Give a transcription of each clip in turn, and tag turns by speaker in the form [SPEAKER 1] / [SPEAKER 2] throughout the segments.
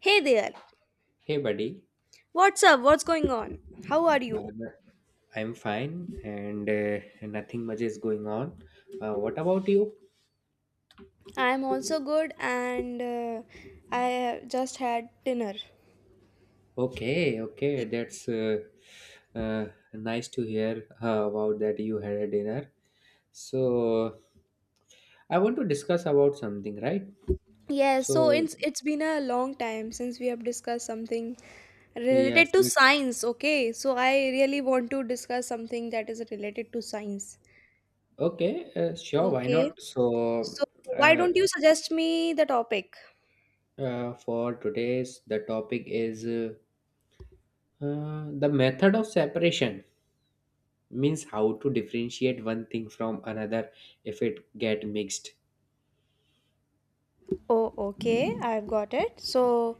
[SPEAKER 1] Hey there.
[SPEAKER 2] Hey, buddy.
[SPEAKER 1] What's up? What's going on? How are
[SPEAKER 2] Uh,
[SPEAKER 1] you?
[SPEAKER 2] I'm fine and nothing much is going on. What about you?
[SPEAKER 1] I'm also good, and I just had dinner.
[SPEAKER 2] Okay,
[SPEAKER 1] Ye-
[SPEAKER 2] okay. That's uh, Nice to hear about that you had a dinner. So, I want to discuss about something, right?
[SPEAKER 1] Yeah, so
[SPEAKER 2] So,
[SPEAKER 1] it's been a long time since we have discussed something related
[SPEAKER 2] yes,
[SPEAKER 1] to
[SPEAKER 2] it's
[SPEAKER 1] science, okay? So I really want to discuss something that is related to science.
[SPEAKER 2] okay. Sure, why
[SPEAKER 1] Okay.
[SPEAKER 2] not? So,
[SPEAKER 1] So why
[SPEAKER 2] uh,
[SPEAKER 1] don't you suggest me the topic?
[SPEAKER 2] for today's, the topic is the method of separation. Means how to differentiate one thing from another if it get mixed.
[SPEAKER 1] Oh, okay, I've got it. So,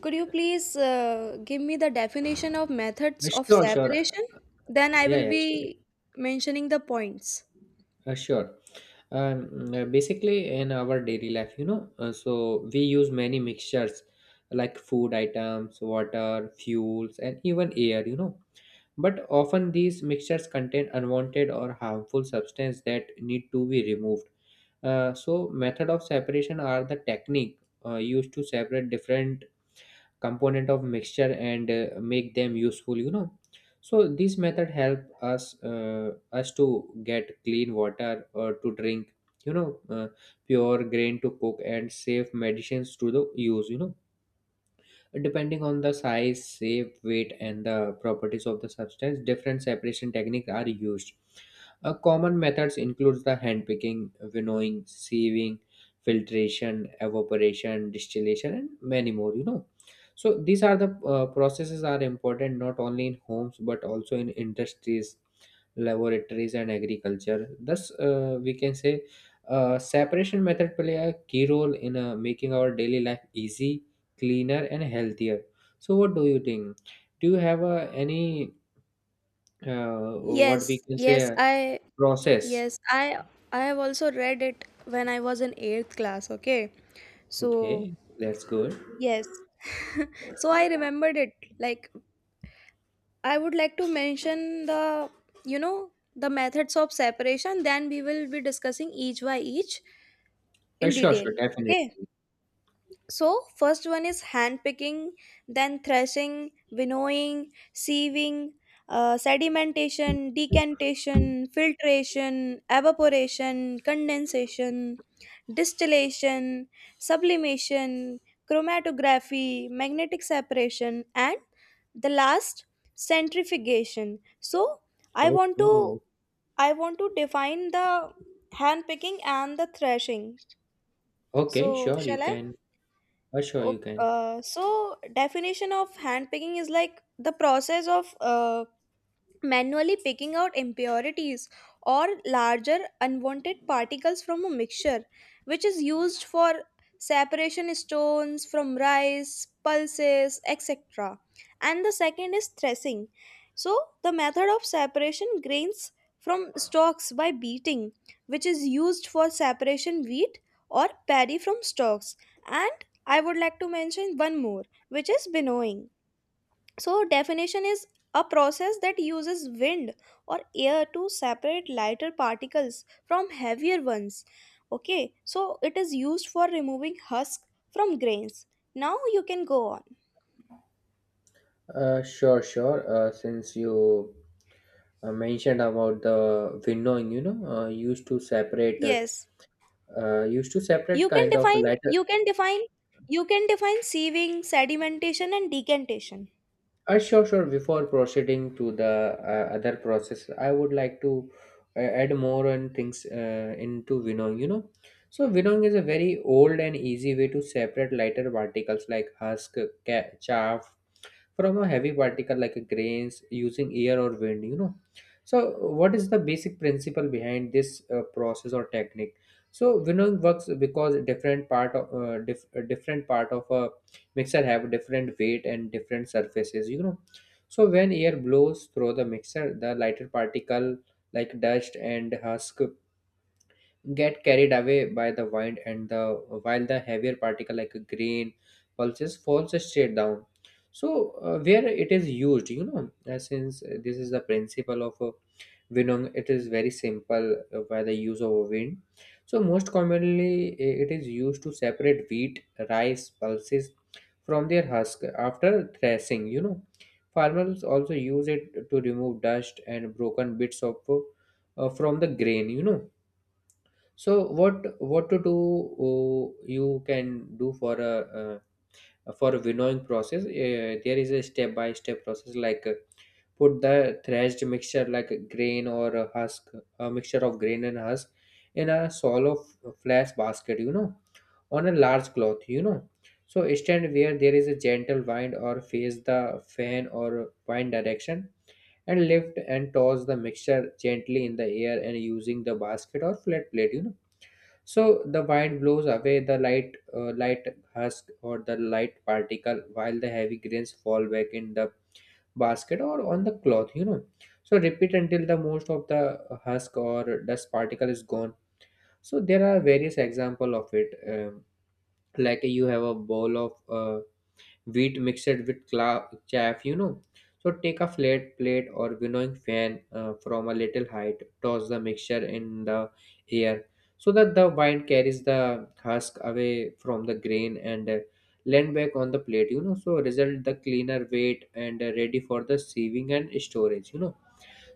[SPEAKER 1] could you please give me the definition of methods of
[SPEAKER 2] Sure,
[SPEAKER 1] separation? Then I
[SPEAKER 2] yeah
[SPEAKER 1] will
[SPEAKER 2] yeah sure.
[SPEAKER 1] be mentioning the points.
[SPEAKER 2] Sure. Basically in our daily life so we use many mixtures like food items, water, fuels, and even air, you know, but often these mixtures contain unwanted or harmful substance that need to be removed. Uh, so method of separation are the technique used to separate different component of mixture and make them useful, you know. This method help us to get clean water or to drink, you know uh, pure grain to cook, and safe medicines to the use, you know. Depending on the size, shape, weight, and the properties of the substance, different separation techniques are used. Common methods include the hand picking, winnowing, sieving, filtration, evaporation, distillation, and many more. You know, so these are the processes are important not only in homes but also in industries, laboratories, and agriculture. Thus, we can say separation method play a key role in making our daily life easy, cleaner, and healthier. So what do you think? Do you have a any uh, what we
[SPEAKER 1] Yes,
[SPEAKER 2] can say,
[SPEAKER 1] yes,
[SPEAKER 2] process?
[SPEAKER 1] yes, I I have also read it when I was in 8th class, okay? So,
[SPEAKER 2] Okay, that's good.
[SPEAKER 1] yes. So I remembered it. Like I would like to mention the methods of separation, then we will be discussing each by each
[SPEAKER 2] Uh,
[SPEAKER 1] in
[SPEAKER 2] sure,
[SPEAKER 1] detail,
[SPEAKER 2] sure, definitely.
[SPEAKER 1] okay? So, first one is hand picking, then threshing, winnowing, sieving, sedimentation, decantation, filtration, evaporation, condensation, distillation, sublimation, chromatography, magnetic separation, and the last centrifugation. So, I want to
[SPEAKER 2] Okay,
[SPEAKER 1] I want to define the hand picking and the threshing.
[SPEAKER 2] okay,
[SPEAKER 1] So,
[SPEAKER 2] sure, you
[SPEAKER 1] shall I?
[SPEAKER 2] can. Uh, sure, you
[SPEAKER 1] Okay,
[SPEAKER 2] can.
[SPEAKER 1] so definition of handpicking is like the process of manually picking out impurities or larger unwanted particles from a mixture, which is used for separation stones from rice, pulses, etc. And the second is threshing. So, the method of separation grains from stalks by beating, which is used for separation wheat or paddy from stalks. And I would like to mention one more, which is winnowing. So definition is a process that uses wind or air to separate lighter particles from heavier ones, okay? So it is used for removing husk from grains. Now you can go on.
[SPEAKER 2] Uh, sure sure uh, since you mentioned about the windowing, you know,
[SPEAKER 1] Yes,
[SPEAKER 2] used to
[SPEAKER 1] you
[SPEAKER 2] separate
[SPEAKER 1] can
[SPEAKER 2] kind of
[SPEAKER 1] define
[SPEAKER 2] lighter.
[SPEAKER 1] you can define you can define sieving, sedimentation, and decantation.
[SPEAKER 2] Sure, sure. Before proceeding to the other process, I would like to add more on things into winnowing. You know, so winnowing is a very old and easy way to separate lighter particles like husk, chaff, from a heavy particle like a grains using air or wind, you know. So what is the basic principle behind this process or technique? So winnowing works because different part of a mixer have different weight and different surfaces, you know. So when air blows through the mixer, the lighter particle like dust and husk get carried away by the wind, and the while the heavier particle like a grain, pulses, falls straight down. So where it is used, you know? Uh, since this is the principle of winong, it is very simple by the use of a wind. So most commonly, it is used to separate wheat, rice, pulses from their husk after threshing, you know. Farmers also use it to remove dust and broken bits of from the grain, you know. So what to do, you can do for a winnowing process? There is a step by step process, like, put the thrashed mixture like grain or a husk, a mixture of grain and husk, in a shallow flash basket, you know, on a large cloth, you know. So stand where there is a gentle wind or face the fan or wind direction, and lift and toss the mixture gently in the air and using the basket or flat plate, you know. So the wind blows away the light husk or the light particle, while the heavy grains fall back in the basket or on the cloth, you know. So repeat until the most of the husk or dust particle is gone. So there are various example of it. Um, like, you have a bowl of wheat mixed with chaff, you know. So take a flat plate or winnowing fan from a little height, toss the mixture in the air so that the wind carries the husk away from the grain and land back on the plate, you know. So result the cleaner weight and ready for the sieving and storage, you know.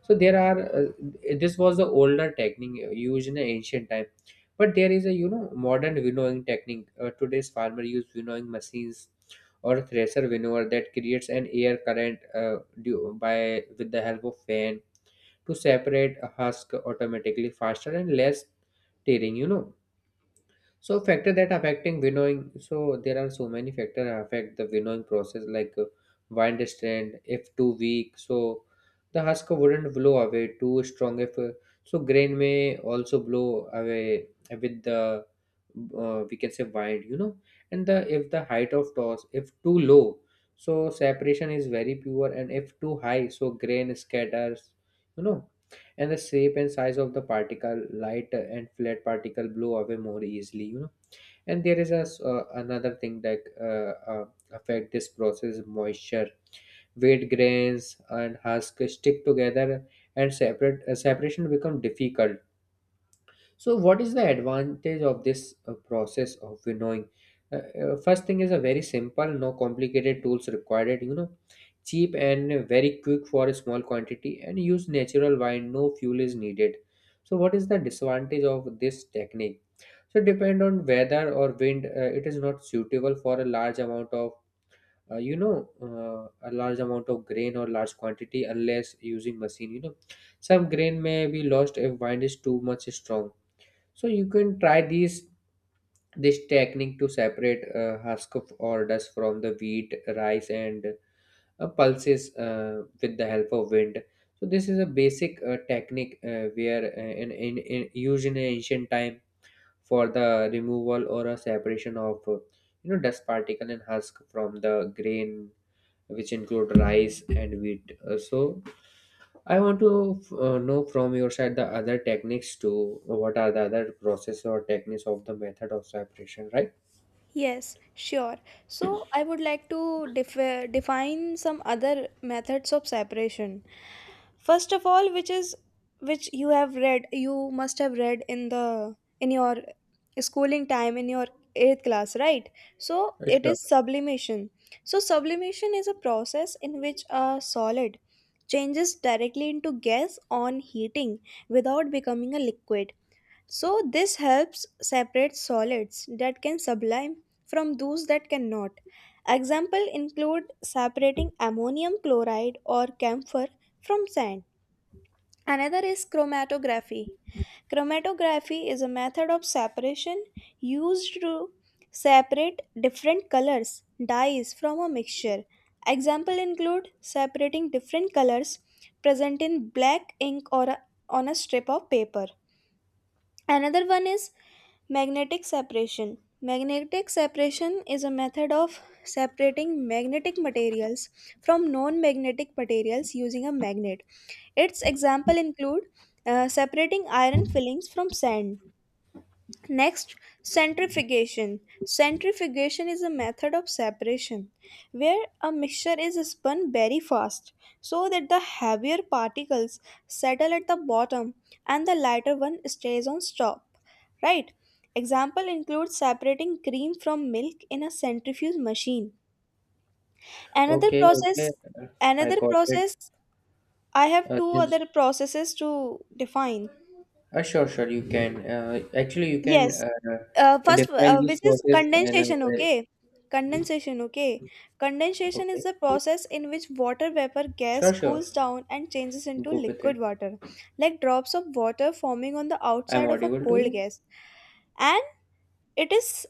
[SPEAKER 2] So there are this was the older technique used in the ancient time, but there is a, you know, modern winnowing technique. Uh, today's farmer use winnowing machines or thresher winnower that creates an air current due by with the help of fan to separate a husk automatically, faster and less tearing, you know. So factor that affecting winnowing. So there are so many factors that affect the winnowing process, like, wind strength. If too weak, so the husk wouldn't blow away. Too strong, if so, grain may also blow away with the, we can say, wind. You know, and the if the height of toss if too low, so separation is very pure, and if too high, so grain scatters. You know, and the shape and size of the particle, light and flat particle, blow away more easily. You know, and there is a another thing that uh, uh, affect this process, moisture. Wheat grains and husk stick together and separate separation become difficult. So what is the advantage of this process of winnowing? Uh, first thing is a very simple, no complicated tools required, you know, cheap and very quick for a small quantity and use natural wine, no fuel is needed. So what is the disadvantage of this technique? So depend on weather or wind. It is not suitable for a large amount of, a large amount of grain or large quantity unless using machine. You know, some grain may be lost if wind is too much strong. So you can try these this technique to separate husk or dust from the wheat, rice, and pulses with the help of wind. So this is a basic technique where in used in ancient time for the removal or a separation of you know, dust particle and husk from the grain, which include rice and wheat. So I want to know from your side the other techniques to, what are the other process or techniques of the method of separation, right?
[SPEAKER 1] Yes, sure. So I would like to define some other methods of separation. First of all, which you have read, you must have read in the in your schooling time, in your eighth class, right? So it
[SPEAKER 2] Sure.
[SPEAKER 1] is sublimation. So sublimation is a process in which a solid changes directly into gas on heating without becoming a liquid, so this helps separate solids that can sublime from those that cannot. Example include separating ammonium chloride or camphor from sand. Another is chromatography. Chromatography is a method of separation used to separate different colors, dyes from a mixture. Example include separating different colors present in black ink or on a strip of paper. Another one is magnetic separation. Magnetic separation is a method of separating magnetic materials from non magnetic materials using a magnet. Its example include separating iron fillings from sand. Next, centrifugation. Centrifugation is a method of separation where a mixture is spun very fast, so that the heavier particles settle at the bottom and the lighter one stays on top. Right? Example includes separating cream from milk in a centrifuge machine. Another
[SPEAKER 2] Okay, okay.
[SPEAKER 1] process
[SPEAKER 2] Uh, I
[SPEAKER 1] another
[SPEAKER 2] got it.
[SPEAKER 1] process I have
[SPEAKER 2] uh,
[SPEAKER 1] two
[SPEAKER 2] since-
[SPEAKER 1] other processes to define.
[SPEAKER 2] uh, sure sure you can.
[SPEAKER 1] Yes, first,
[SPEAKER 2] Define this
[SPEAKER 1] which is
[SPEAKER 2] process and uh,
[SPEAKER 1] condensation.
[SPEAKER 2] where-
[SPEAKER 1] Okay, condensation okay condensation is
[SPEAKER 2] okay,
[SPEAKER 1] the process in which water vapor gas
[SPEAKER 2] sure, sure,
[SPEAKER 1] cools down and changes into
[SPEAKER 2] go with
[SPEAKER 1] liquid
[SPEAKER 2] it.
[SPEAKER 1] water, like drops of water forming on the
[SPEAKER 2] I'm
[SPEAKER 1] outside of a
[SPEAKER 2] audible to you.
[SPEAKER 1] cold gas. And it is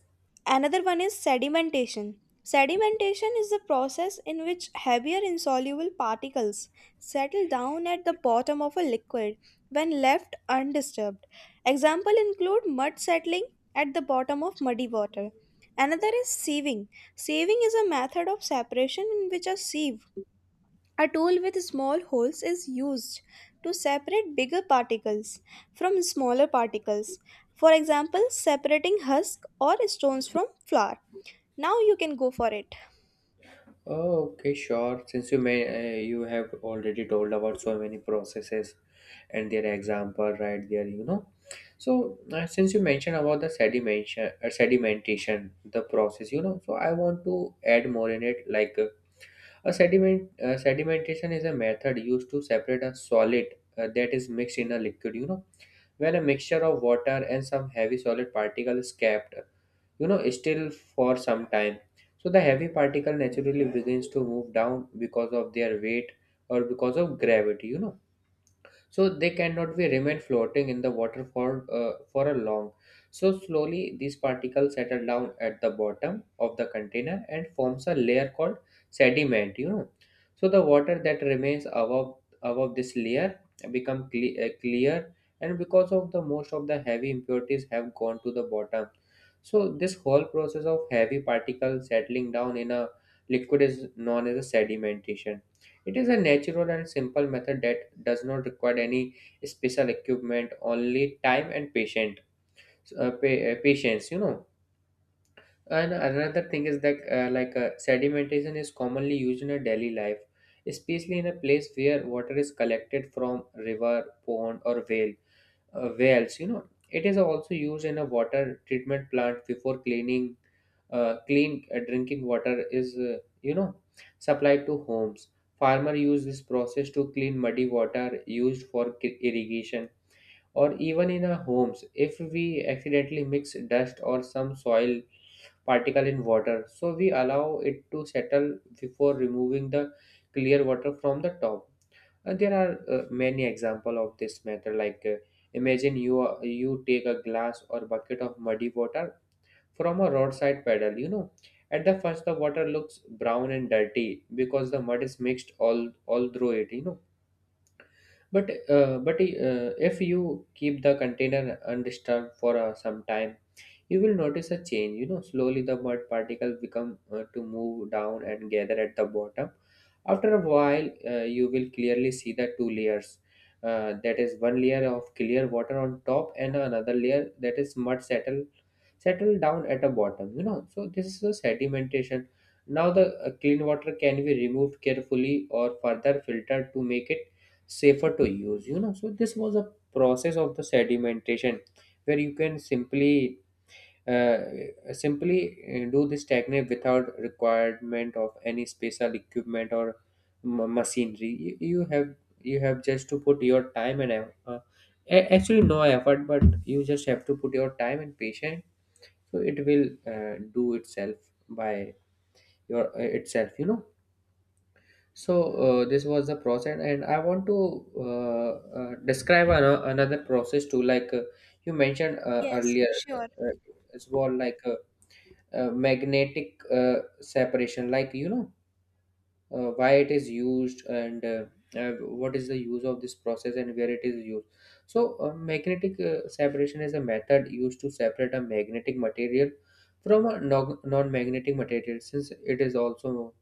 [SPEAKER 1] Another one is sedimentation. Sedimentation is the process in which heavier insoluble particles settle down at the bottom of a liquid when left undisturbed. Example include mud settling at the bottom of muddy water. Another is sieving. Sieving is a method of separation in which a sieve, a tool with small holes, is used to separate bigger particles from smaller particles. For example, separating husk or stones from flour. Now you can go for it.
[SPEAKER 2] Oh, okay, sure. Since you have already told about so many processes and their example right there, you know. So since you mentioned about the sedimentation, the process, you know, so I want to add more in it. Like, sedimentation is a method used to separate a solid that is mixed in a liquid, you know. When a mixture of water and some heavy solid particles is kept, you know, still for some time, so the heavy particle naturally begins to move down because of their weight, or because of gravity, you know. So they cannot be remain floating in the water for a long. So slowly these particles settle down at the bottom of the container and forms a layer called sediment, you know. So the water that remains above this layer become clear, and because of the most of the heavy impurities have gone to the bottom. So this whole process of heavy particles settling down in a liquid is known as a sedimentation. It is a natural and simple method that does not require any special equipment, only time and patience, you know. And another thing is that, sedimentation is commonly used in a daily life, especially in a place where water is collected from river, pond, or wells, you know. It is also used in a water treatment plant before clean drinking water is, supplied to homes. Farmer use this process to clean muddy water used for irrigation, or even in our homes if we accidentally mix dust or some soil particle in water. So we allow it to settle before removing the clear water from the top. And there are, many example of this method. Like, imagine you are you take a glass or bucket of muddy water from a roadside puddle. You know, at the first the water looks brown and dirty because the mud is mixed all through it. You know. But if you keep the container undisturbed for some time, you will notice a change. You know, slowly the mud particles become to move down and gather at the bottom. After a while, you will clearly see the two layers, that is, one layer of clear water on top and another layer that is mud settle down at the bottom, you know. So this is a sedimentation. Now the clean water can be removed carefully or further filtered to make it safer to use, you know. So this was a process of the sedimentation, where you can simply uh, simply do this technique without requirement of any special equipment or machinery. You, you have you have just to put your time and actually no effort, but you just have to put your time and patience. So it will do itself by your itself, you know. So this was the process, and I want to uh, describe another process too. Like you mentioned
[SPEAKER 1] Yes,
[SPEAKER 2] earlier,
[SPEAKER 1] sure.
[SPEAKER 2] as well, like magnetic separation, like, you know, why it is used and uh, what is the use of this process and where it is used. So magnetic separation is a method used to separate a magnetic material from a non-magnetic material, since it is also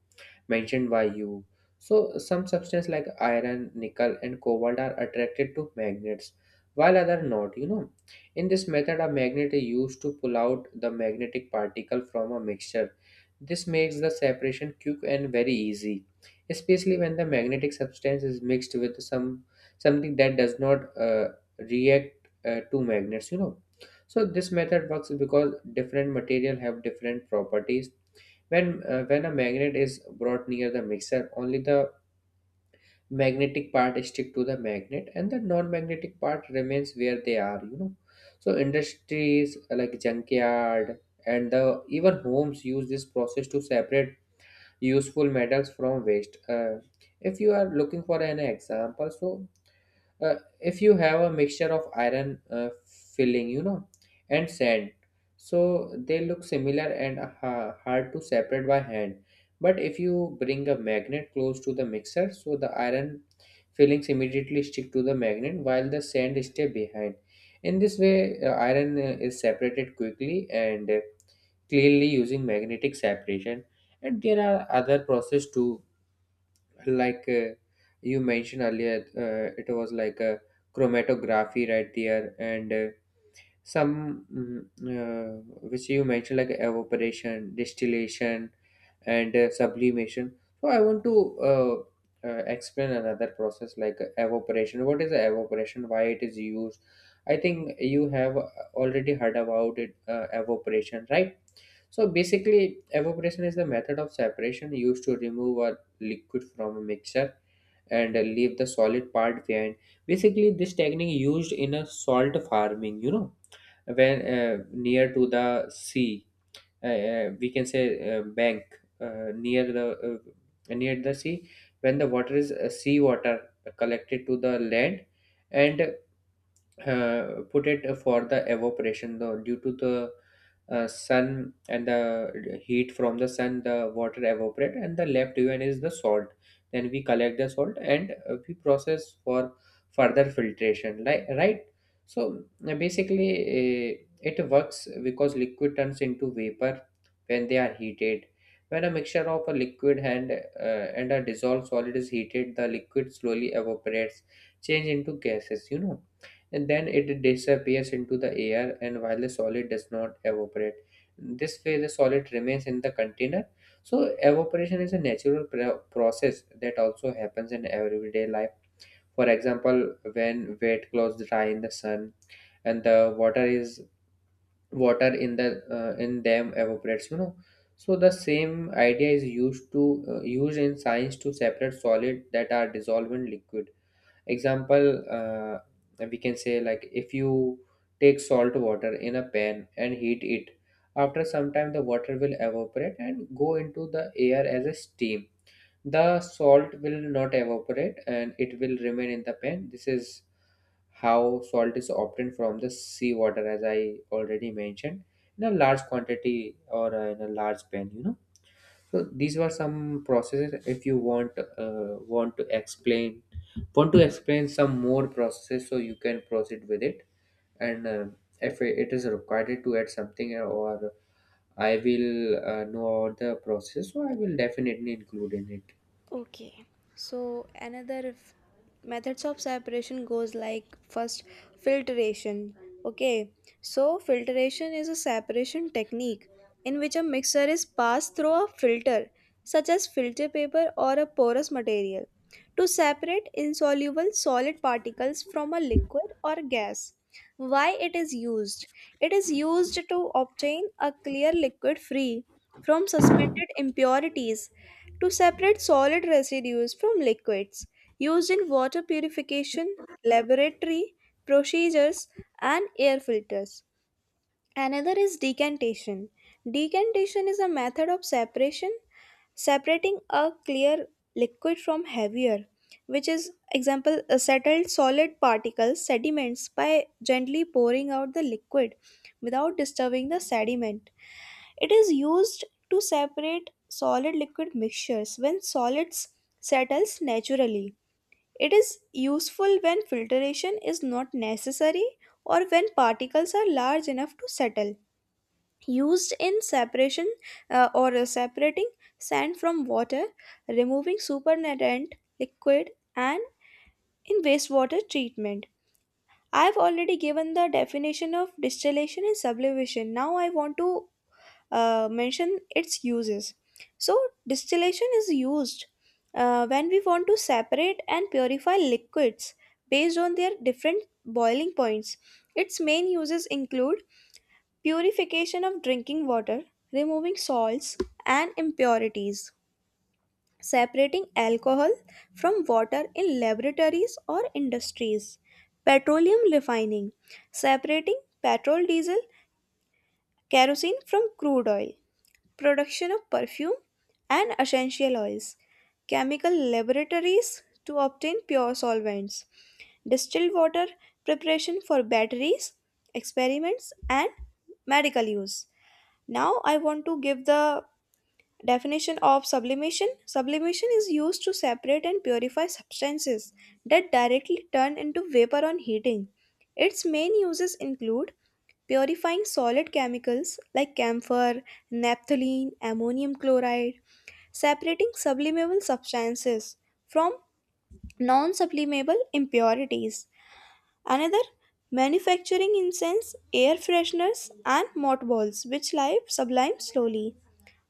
[SPEAKER 2] mentioned by you. So some substances like iron, nickel, and cobalt are attracted to magnets, while other not. You know, in this method, a magnet is used to pull out the magnetic particle from a mixture. This makes the separation quick and very easy, especially when the magnetic substance is mixed with some something that does not react to magnets. You know, so this method works because different material have different properties. When when a magnet is brought near the mixer, only the magnetic part stick to the magnet and the non-magnetic part remains where they are, you know. So industries like junkyard and the even homes use this process to separate useful metals from waste. If you are looking for an example, so if you have a mixture of iron filling, you know, and sand, so they look similar and hard to separate by hand. But if you bring a magnet close to the mixer, so the iron fillings immediately stick to the magnet, while the sand stay behind. In this way, iron is separated quickly and cleanly using magnetic separation. And there are other process too, like you mentioned earlier, it was like a chromatography right there. And some which you mentioned like evaporation, distillation, and sublimation. So I want to explain another process, like evaporation. What is evaporation, why it is used? I think you have already heard about it, evaporation, right? So basically, evaporation is the method of separation used to remove a liquid from a mixture and leave the solid part behind. Basically, this technique used in a salt farming, you know. When near to the sea, we can say, bank, near the sea, when the water is sea water collected to the land, and put it for the evaporation, though, due to the sun and the heat from the sun, the water evaporate and the left even is the salt. Then we collect the salt and we process for further filtration, like, right? So basically, it works because liquid turns into vapor when they are heated. When a mixture of a liquid and a dissolved solid is heated, the liquid slowly evaporates, change into gases, you know, and then it disappears into the air, and while the solid does not evaporate. This way the solid remains in the container. So evaporation is a natural process that also happens in everyday life. For example, when wet clothes dry in the sun and the water in the in them evaporates, you know. So the same idea is used in science to separate solid that are dissolved in liquid. Example, we can say, like, if you take salt water in a pan and heat it, after some time the water will evaporate and go into the air as a steam. The salt will not evaporate and it will remain in the pan. This is how salt is obtained from the sea water, as I already mentioned, in a large quantity or in a large pan, you know. So these were some processes. If you want to explain some more processes, so you can proceed with it. And if it is required to add something, or I will know about the process, so I will definitely include in it.
[SPEAKER 1] Okay, so another methods of separation goes like, first, filtration. Okay, so filtration is a separation technique in which a mixture is passed through a filter, such as filter paper or a porous material, to separate insoluble solid particles from a liquid or gas. Why it is used? It is used to obtain a clear liquid free from suspended impurities, to separate solid residues from liquids, used in water purification, laboratory procedures, and air filters. Another is decantation. Decantation is a method of separation, separating a clear liquid from heavier, which is example settled solid particles, sediments, by gently pouring out the liquid without disturbing the sediment. It is used to separate solid liquid mixtures when solids settles naturally. It is useful when filtration is not necessary or when particles are large enough to settle, used in separation, or separating sand from water, removing supernatant liquid, and in wastewater treatment. I've already given the definition of distillation and sublimation. Now I want to mention its uses. So, distillation is used when we want to separate and purify liquids based on their different boiling points. Its main uses include purification of drinking water, removing salts and impurities, separating alcohol from water in laboratories or industries, petroleum refining, separating petrol, diesel, kerosene from crude oil, production of perfume and essential oils, chemical laboratories to obtain pure solvents, distilled water preparation for batteries, experiments, and medical use. Now, I want to give the definition of sublimation. Sublimation is used to separate and purify substances that directly turn into vapor on heating. Its main uses include purifying solid chemicals like camphor, naphthalene, ammonium chloride, separating sublimable substances from non sublimable impurities. Another: manufacturing incense, air fresheners, and mothballs, which live sublime slowly.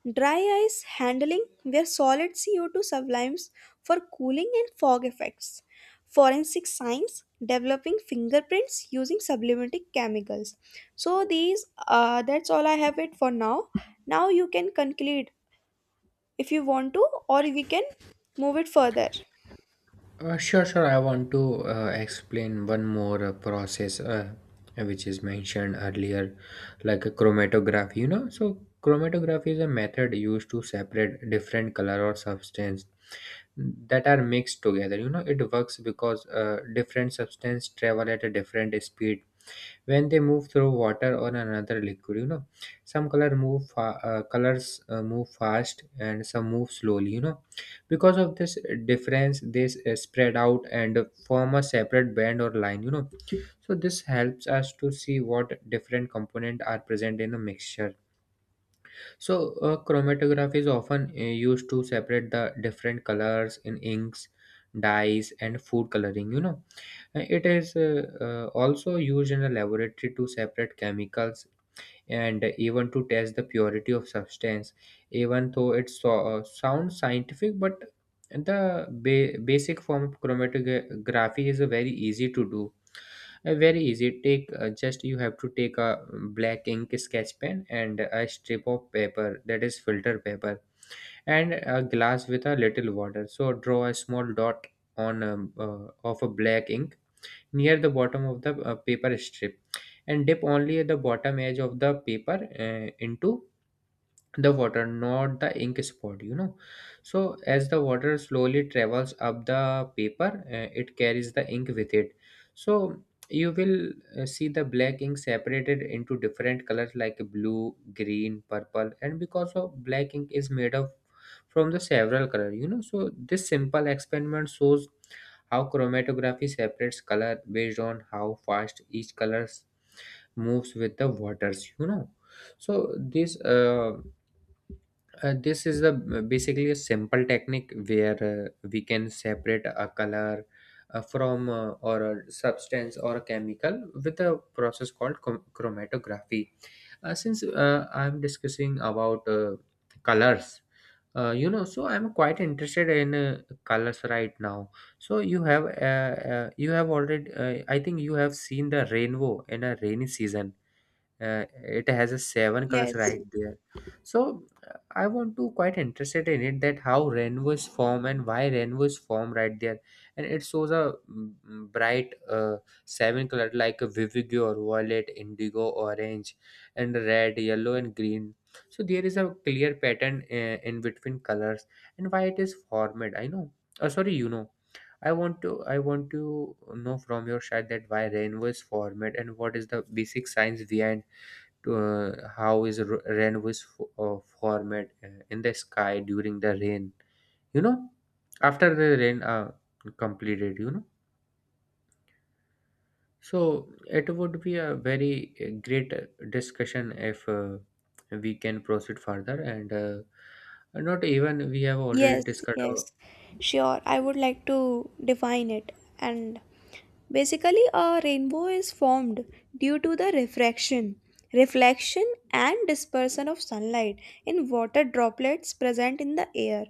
[SPEAKER 1] Dry ice handling, where solid CO2 sublimes for cooling and fog effects. Forensic science, developing fingerprints using sublimatic chemicals. So that's all I have it for now. Now you can conclude if you want to, or we can move it further.
[SPEAKER 2] Sure, sure. I want to explain one more process which is mentioned earlier, like a chromatography. You know, so chromatography is a method used to separate different color or substance that are mixed together. You know, it works because different substance travel at a different speed when they move through water or another liquid, you know. Some colors move fast and some move slowly, you know. Because of this difference, spread out and form a separate band or line, you know. So this helps us to see what different components are present in a mixture. So chromatography is often used to separate the different colors in inks, dyes, and food coloring, you know. It is also used in a laboratory to separate chemicals and even to test the purity of substance. Even though it sounds scientific, but the basic form of chromatography is very easy to do. Very easy. Take just you have to take a black ink sketch pen and a strip of paper, that is, filter paper, and a glass with a little water. So draw a small dot on of a black ink near the bottom of the paper strip, and dip only the bottom edge of the paper into the water, not the ink spot, you know. So as the water slowly travels up the paper, it carries the ink with it. So you will see the black ink separated into different colors, like blue, green, purple, and because of black ink is made of from the several color, you know. So this simple experiment shows how chromatography separates color based on how fast each color moves with the waters, you know. So this is the basically a simple technique where we can separate a color from or a substance or a chemical with a process called chromatography. Since I'm discussing about colors, you know, so I'm quite interested in colors right now. So you have already, I think you have seen the rainbow in a rainy season. It has a seven colors
[SPEAKER 1] Yes.
[SPEAKER 2] right there. So I want to quite interested in it, that how rainbows form and why rainbows form right there. And it shows a bright seven color, like a vivid or violet, indigo, orange, and red, yellow, and green. So there is a clear pattern in between colors, and why it is formed, I know. Oh, sorry, you know, I want to know from your side that why rainbow is formed and what is the basic science behind, to how is rain formed in the sky during the rain, you know, after the rain completed, you know. So it would be a very great discussion if we can proceed further and not even we have already
[SPEAKER 1] Yes,
[SPEAKER 2] discussed
[SPEAKER 1] yes, sure. I would like to define it. And basically, a rainbow is formed due to the refraction, reflection, and dispersion of sunlight in water droplets present in the air.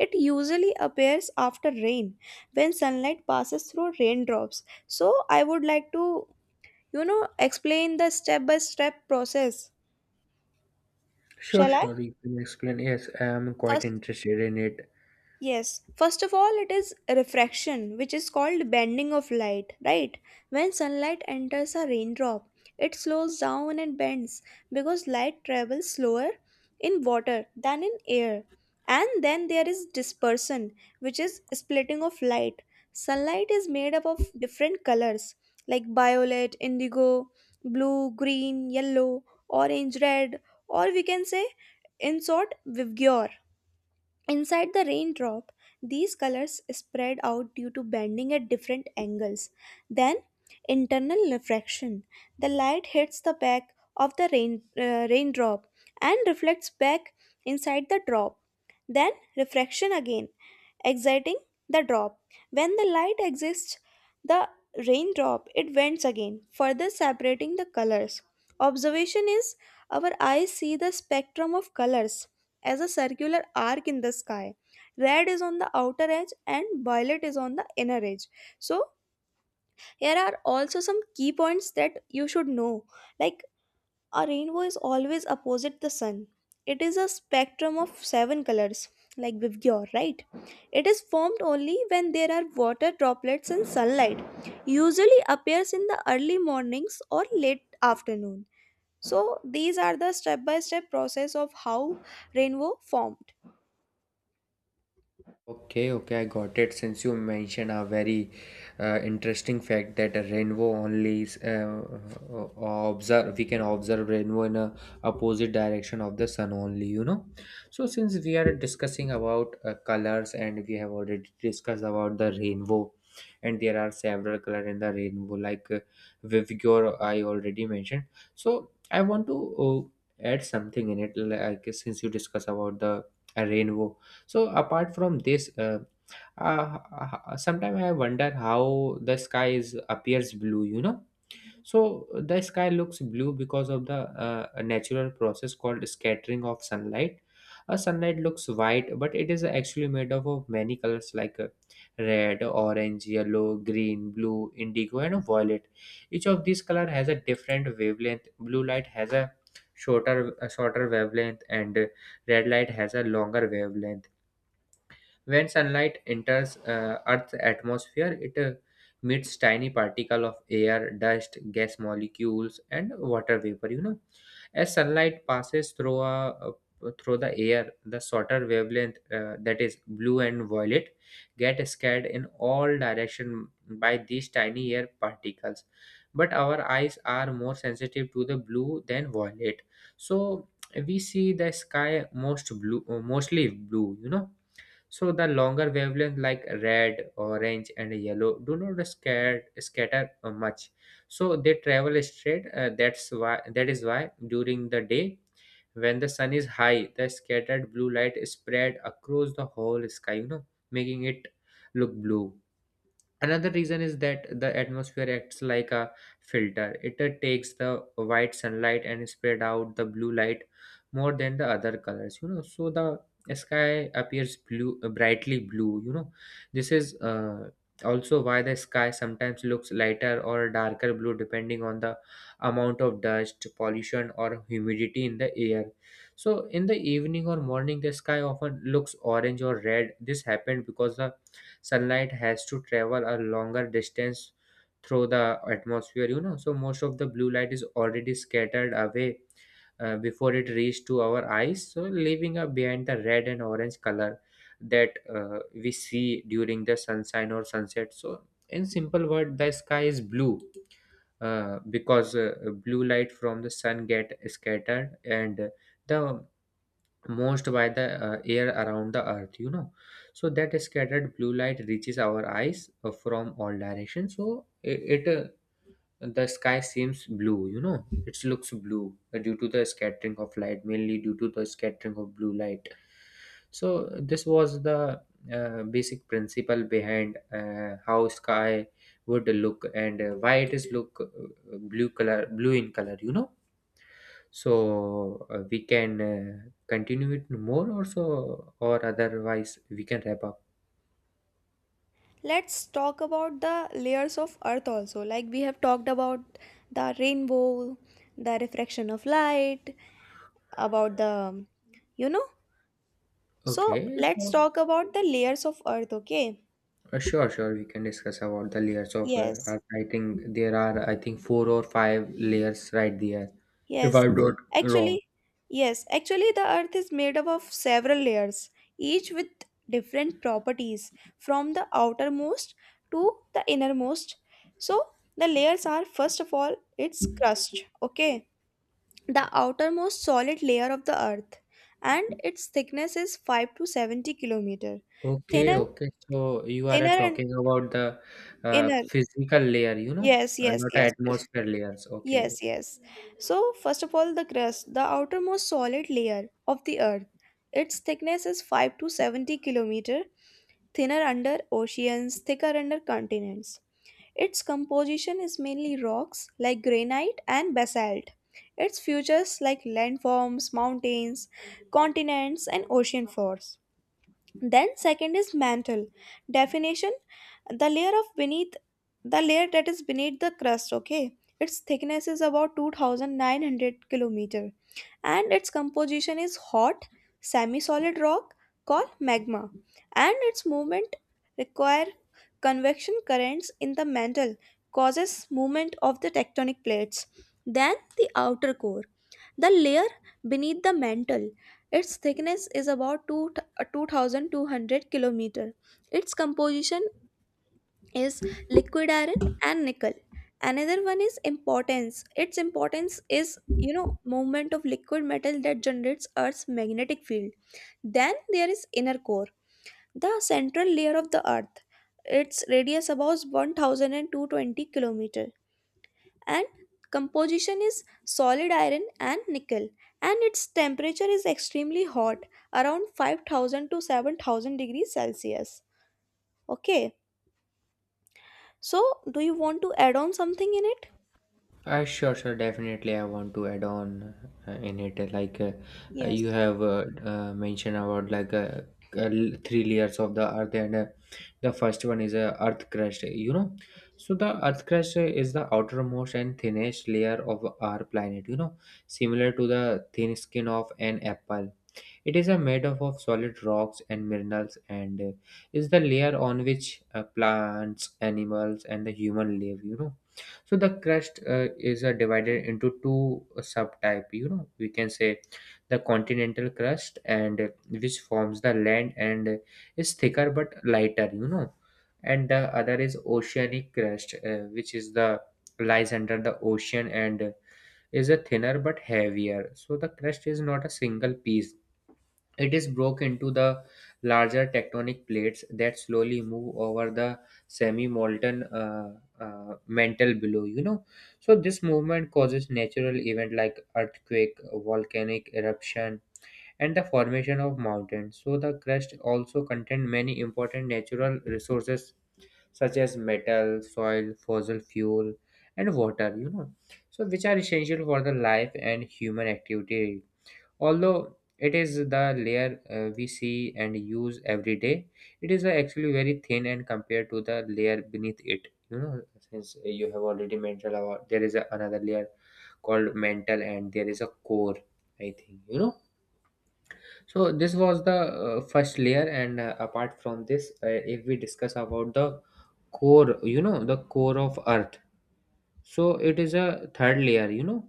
[SPEAKER 1] It usually appears after rain when sunlight passes through raindrops. So, I would like to explain the step by step process.
[SPEAKER 2] sure
[SPEAKER 1] Shall I?
[SPEAKER 2] sure you can explain, yes, I am quite
[SPEAKER 1] First,
[SPEAKER 2] interested in it.
[SPEAKER 1] Yes, first of all, it is refraction, which is called bending of light, right? When sunlight enters a raindrop, it slows down and bends because light travels slower in water than in air. And then there is dispersion, which is splitting of light. Sunlight is made up of different colors like violet, indigo, blue, green, yellow, orange, red, or we can say, in short, vivgyor. Inside the raindrop, these colors spread out due to bending at different angles. Then, internal refraction. The light hits the back of the raindrop and reflects back inside the drop. Then, refraction again, exciting the drop. When the light exists the raindrop, it bends again, further separating the colors. Observation is, our eyes see the spectrum of colors as a circular arc in the sky. Red is on the outer edge and violet is on the inner edge. So here are also some key points that you should know. Like, a rainbow is always opposite the sun. It is a spectrum of seven colors, like Vivgyor, right? It is formed only when there are water droplets and sunlight. Usually appears in the early mornings or late afternoon. So these are the step-by-step process of how rainbow formed.
[SPEAKER 2] Okay, okay, I got it. Since you mentioned a very interesting fact that a rainbow only is, uh, observe, we can observe rainbow in a opposite direction of the sun only, you know. So since we are discussing about colors and we have already discussed about the rainbow, and there are several color in the rainbow, like Vivigor, I already mentioned. So I want to add something in it. Like, since you discuss about the rainbow, so apart from this, sometimes I wonder how the sky is appears blue. You know, so the sky looks blue because of the natural process called scattering of sunlight. Sunlight looks white, but it is actually made up of many colors, like red, orange, yellow, green, blue, indigo, and violet. Each of these color has a different wavelength. Blue light has a shorter wavelength, and red light has a longer wavelength. When sunlight enters Earth's atmosphere, it meets tiny particle of air, dust, gas molecules, and water vapor. As sunlight passes through a through the air, the shorter wavelength, that is blue and violet, get scattered in all direction by these tiny air particles. But our eyes are more sensitive to the blue than violet, so we see the sky most mostly blue. So the longer wavelength like red, orange, and yellow do not scatter much. So they travel straight. That is why during the day when the sun is high, the scattered blue light is spread across the whole sky, making it look blue. Another reason is that the atmosphere acts like a filter. It takes the white sunlight and spread out the blue light more than the other colors. So the sky appears blue brightly blue. You know this is Also why the sky sometimes looks lighter or darker blue depending on the amount of dust pollution or humidity in the air. So in the evening or morning the sky often looks orange or red. This happened because the sunlight has to travel a longer distance through the atmosphere. So most of the blue light is already scattered away before it reached to our eyes, so leaving up behind the red and orange color that we see during the sunshine or sunset. So in simple word the sky is blue because blue light from the sun get scattered and the most by the air around the earth. So that scattered blue light reaches our eyes from all directions, so it the sky seems blue. It looks blue due to the scattering of light, mainly due to the scattering of blue light. So this was the basic principle behind how sky would look and why it is look blue in color. We can continue it more or otherwise we can wrap up.
[SPEAKER 1] Let's talk about the layers of earth also. Like we have talked about the rainbow, the refraction of light, about the you know so
[SPEAKER 2] Okay,
[SPEAKER 1] let's
[SPEAKER 2] so
[SPEAKER 1] talk about the layers of earth, okay?
[SPEAKER 2] sure, we can discuss about the layers of
[SPEAKER 1] Yes,
[SPEAKER 2] art. I think there are, I think, 4 or 5 layers right there, if
[SPEAKER 1] yes.
[SPEAKER 2] I'm not wrong.
[SPEAKER 1] Actually, yes, the earth is made up of several layers, each with different properties from the outermost to the innermost. So, the layers are first of all its crust, okay? The outermost solid layer of the earth, and its thickness is 5 to 70 kilometer.
[SPEAKER 2] Okay,
[SPEAKER 1] Thinner,
[SPEAKER 2] okay, so you are
[SPEAKER 1] thinner, and
[SPEAKER 2] talking about the
[SPEAKER 1] inner.
[SPEAKER 2] physical layer, you know,
[SPEAKER 1] Yes, yes,
[SPEAKER 2] not
[SPEAKER 1] yes.
[SPEAKER 2] atmosphere layers. Okay.
[SPEAKER 1] Yes, yes. So, first of all, the crust, the outermost solid layer of the Earth. Its thickness is 5 to 70 kilometer, thinner under oceans, thicker under continents. Its composition is mainly rocks like granite and basalt. Its features like landforms, mountains, continents, and ocean floors. Then second is mantle. Definition: the layer of beneath the layer that is beneath the crust, okay? Its thickness is about 2,900 kilometer, and its composition is hot semi-solid rock called magma. And its movement require convection currents in the mantle, causes movement of the tectonic plates. Then the outer core, the layer beneath the mantle. Its thickness is about 2 2,200 kilometer. Its composition is liquid iron and nickel. Another one is importance. Its importance is, movement of liquid metal that generates earth's magnetic field. Then there is inner core, the central layer of the earth. Its radius about 1,220 kilometer, and composition is solid iron and nickel. And its temperature is extremely hot, around 5,000 to 7,000 degrees Celsius, okay? So do you want to add on something in it?
[SPEAKER 2] Sure, Definitely, I want to add on in it. Like you
[SPEAKER 1] Yes.
[SPEAKER 2] have mentioned about three layers of the earth, and the first one is earth crust. You know, so the earth crust is the outermost and thinnest layer of our planet, you know, similar to the thin skin of an apple. It is a made up of solid rocks and minerals, and is the layer on which plants, animals, and the human live, you know. So the crust is divided into two subtype, you know. We can say the continental crust, and which forms the land, and is thicker but lighter, you know. And the other is oceanic crust, which is the lies under the ocean, and is a thinner but heavier. So the crust is not a single piece. It is broken into the larger tectonic plates that slowly move over the semi-molten mantle below. You know, so this movement causes natural event like earthquake, volcanic eruption, and the formation of mountains. So the crust also contains many important natural resources such as metal, soil, fossil fuel, and water, you know, so which are essential for the life and human activity. Although it is the layer we see and use every day, it is actually very thin and compared to the layer beneath it. Since you have already mentioned about there is a, another layer called mantle, and there is a core, I think, you know. So this was the first layer, and apart from this, if we discuss about the core, you know, the core of earth. So it is a third layer, you know,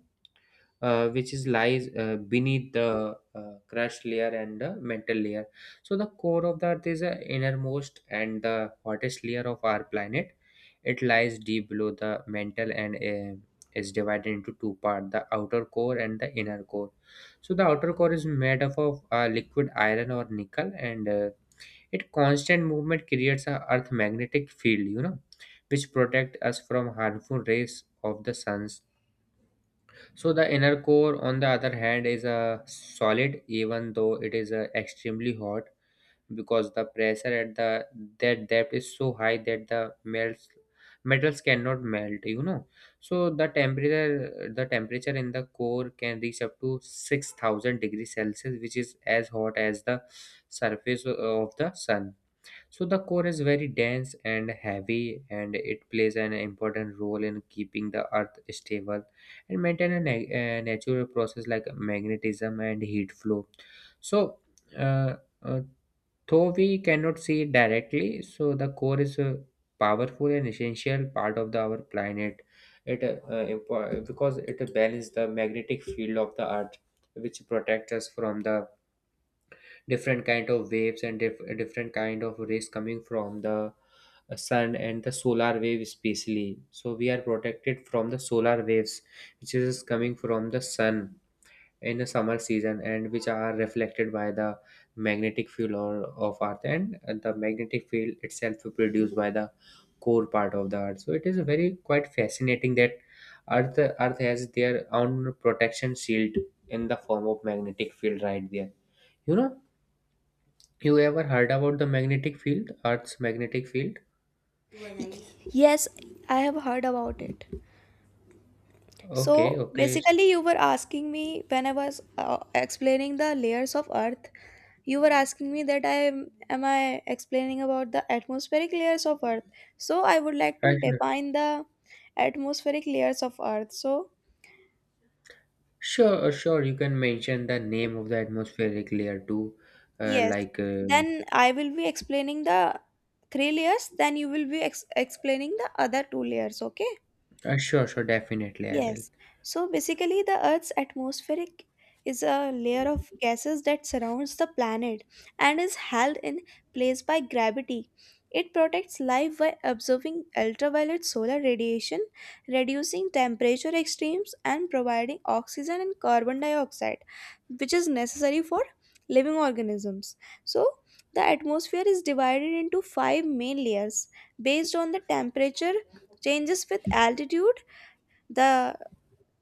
[SPEAKER 2] which is lies beneath the crust layer and the mantle layer. So the core of the Earth is the innermost and the hottest layer of our planet. It lies deep below the mantle and is divided into two parts: the outer core and the inner core. So the outer core is made up of liquid iron or nickel, and it constant movement creates a Earth magnetic field, you know, which protect us from harmful rays of the suns. So the inner core, on the other hand, is a solid, even though it is extremely hot, because the pressure at the that depth is so high that the melts metals cannot melt. You know, so the temperature in the core can reach up to 6,000 degrees Celsius, which is as hot as the surface of the sun. So the core is very dense and heavy, and it plays an important role in keeping the earth stable and maintain a natural process like magnetism and heat flow. So, uh, uh, though we cannot see it directly, so the core is a powerful and essential part of the, our planet. It because it balances the magnetic field of the earth, which protects us from the different kind of waves and different kind of rays coming from the sun and the solar wave, especially. So we are protected from the solar waves which is coming from the sun in the summer season, and which are reflected by the magnetic field or of earth, and the magnetic field itself produced by the core part of the earth. So it is very quite fascinating that earth has their own protection shield in the form of magnetic field right there, you know. You ever heard about the magnetic field, Earth's magnetic field?
[SPEAKER 1] Yes, I have heard about it.
[SPEAKER 2] Okay,
[SPEAKER 1] So
[SPEAKER 2] okay.
[SPEAKER 1] basically, you were asking me when I was explaining the layers of Earth. You were asking me that am I explaining about the atmospheric layers of Earth. So I would like to
[SPEAKER 2] Right, right.
[SPEAKER 1] define the atmospheric layers of Earth. So
[SPEAKER 2] Sure, sure. You can mention the name of the atmospheric layer too. Uh,
[SPEAKER 1] yes,
[SPEAKER 2] like, uh,
[SPEAKER 1] then I will be explaining the three layers. Then you will be explaining the other two layers. Okay.
[SPEAKER 2] sure, sure, definitely I will.
[SPEAKER 1] Yes. So basically, the Earth's atmospheric is a layer of gases that surrounds the planet and is held in place by gravity. It protects life by absorbing ultraviolet solar radiation, reducing temperature extremes, and providing oxygen and carbon dioxide, which is necessary for living organisms. So, the atmosphere is divided into five main layers based on the temperature changes with altitude: the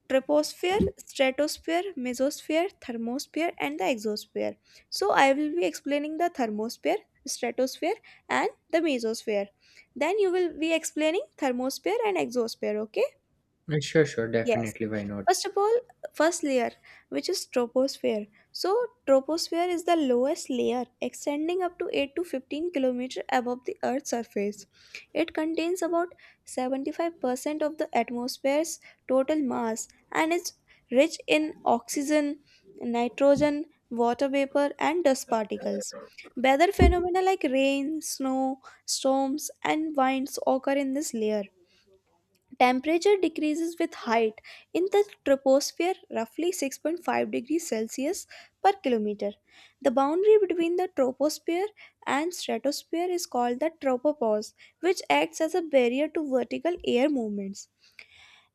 [SPEAKER 1] troposphere, stratosphere, mesosphere, thermosphere, and the exosphere. So, I will be explaining the thermosphere, stratosphere, and the mesosphere. Then, you will be explaining thermosphere and exosphere, okay?
[SPEAKER 2] Sure,
[SPEAKER 1] Yes.
[SPEAKER 2] Definitely, why not?
[SPEAKER 1] First of all, first layer, which is troposphere. So, troposphere is the lowest layer, extending up to 8 to 15 km above the Earth's surface. It contains about 75% of the atmosphere's total mass and is rich in oxygen, nitrogen, water vapor, and dust particles. Weather phenomena like rain, snow, storms, and winds occur in this layer. Temperature decreases with height in the troposphere, roughly 6.5 degrees Celsius per kilometer. The boundary between the troposphere and stratosphere is called the tropopause, which acts as a barrier to vertical air movements.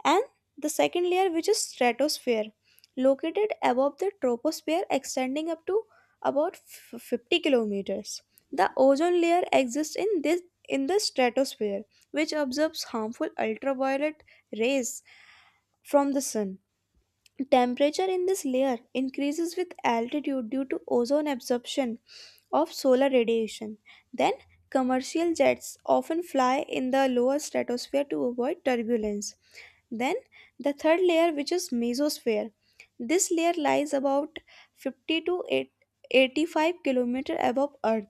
[SPEAKER 1] And the second layer, which is stratosphere, located above the troposphere, extending up to about 50 kilometers. The ozone layer exists in the stratosphere, which absorbs harmful ultraviolet rays from the sun. Temperature in this layer increases with altitude due to ozone absorption of solar radiation. Then commercial jets often fly in the lower stratosphere to avoid turbulence. Then the third layer, which is mesosphere. This layer lies about 50 to 8 85 km above Earth.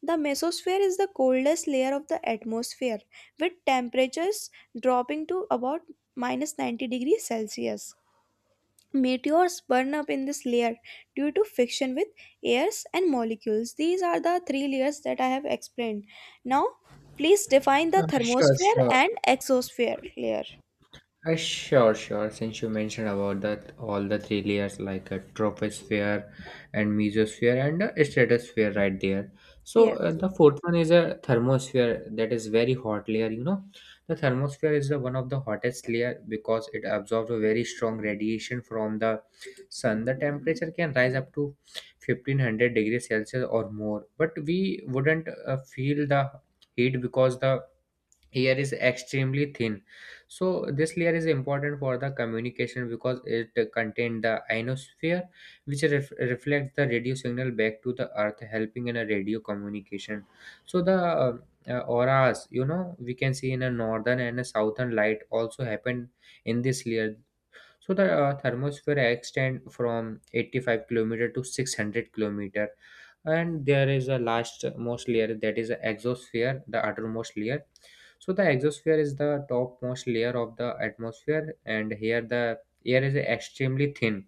[SPEAKER 1] The mesosphere is the coldest layer of the atmosphere, with temperatures dropping to about minus 90 degrees Celsius. Meteors burn up in this layer due to friction with airs and molecules. These are the three layers that I have explained. Now, please define the
[SPEAKER 2] Uh, sure,
[SPEAKER 1] thermosphere
[SPEAKER 2] sure.
[SPEAKER 1] and exosphere layer.
[SPEAKER 2] Sure. Since you mentioned about that, all the three layers like a troposphere and mesosphere and a stratosphere right there. So
[SPEAKER 1] Yes.
[SPEAKER 2] the fourth one is a thermosphere, that is very hot layer. You know, the thermosphere is the one of the hottest layer because it absorbs a very strong radiation from the sun. The temperature can rise up to 1500 degrees Celsius or more, but we wouldn't feel the heat because the air is extremely thin. So this layer is important for the communication because it contains the ionosphere which reflects the radio signal back to the earth, helping in a radio communication. So the auras, you know, we can see in a northern and a southern light, also happen in this layer. So the thermosphere extend from 85 kilometer to 600 kilometer, and there is a last most layer that is the exosphere, the outermost layer. So the exosphere is the topmost layer of the atmosphere, and here the air is extremely thin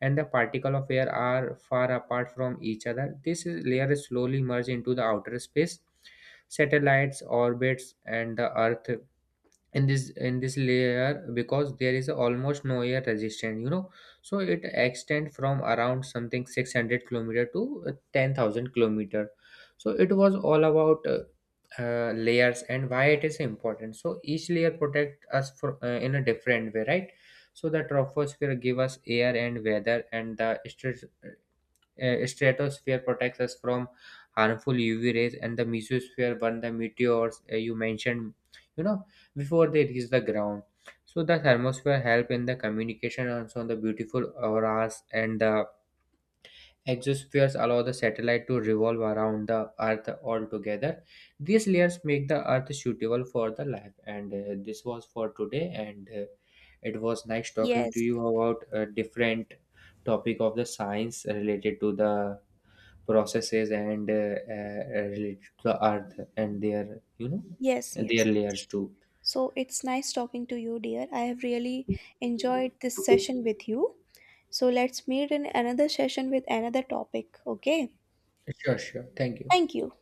[SPEAKER 2] and the particle of air are far apart from each other. Layer is slowly merge into the outer space. Satellites, orbits, and the Earth in this layer because there is almost no air resistance, you know. So it extend from around something 600 kilometer to 10,000 kilometer. So it was all about layers and why it is important. So each layer protect us for, in a different way, right. So the troposphere give us air and weather, and the stratosphere protects us from harmful UV rays, and the mesosphere, when the meteors you mentioned, you know, before they reach the ground. So the thermosphere help in the communication and so the beautiful auras, and the exospheres allow the satellite to revolve around the Earth altogether. These layers make the Earth suitable for the life, and this was for today. And it was nice talking to
[SPEAKER 1] Yes.
[SPEAKER 2] you about a different topic of the science related to the processes and related to the earth and their, you know,
[SPEAKER 1] Yes,
[SPEAKER 2] their
[SPEAKER 1] yes.
[SPEAKER 2] layers too.
[SPEAKER 1] So it's nice talking to you, dear. I have really enjoyed this session with you. So let's meet in another session with another topic. Okay.
[SPEAKER 2] Sure, sure, thank you.
[SPEAKER 1] Thank you.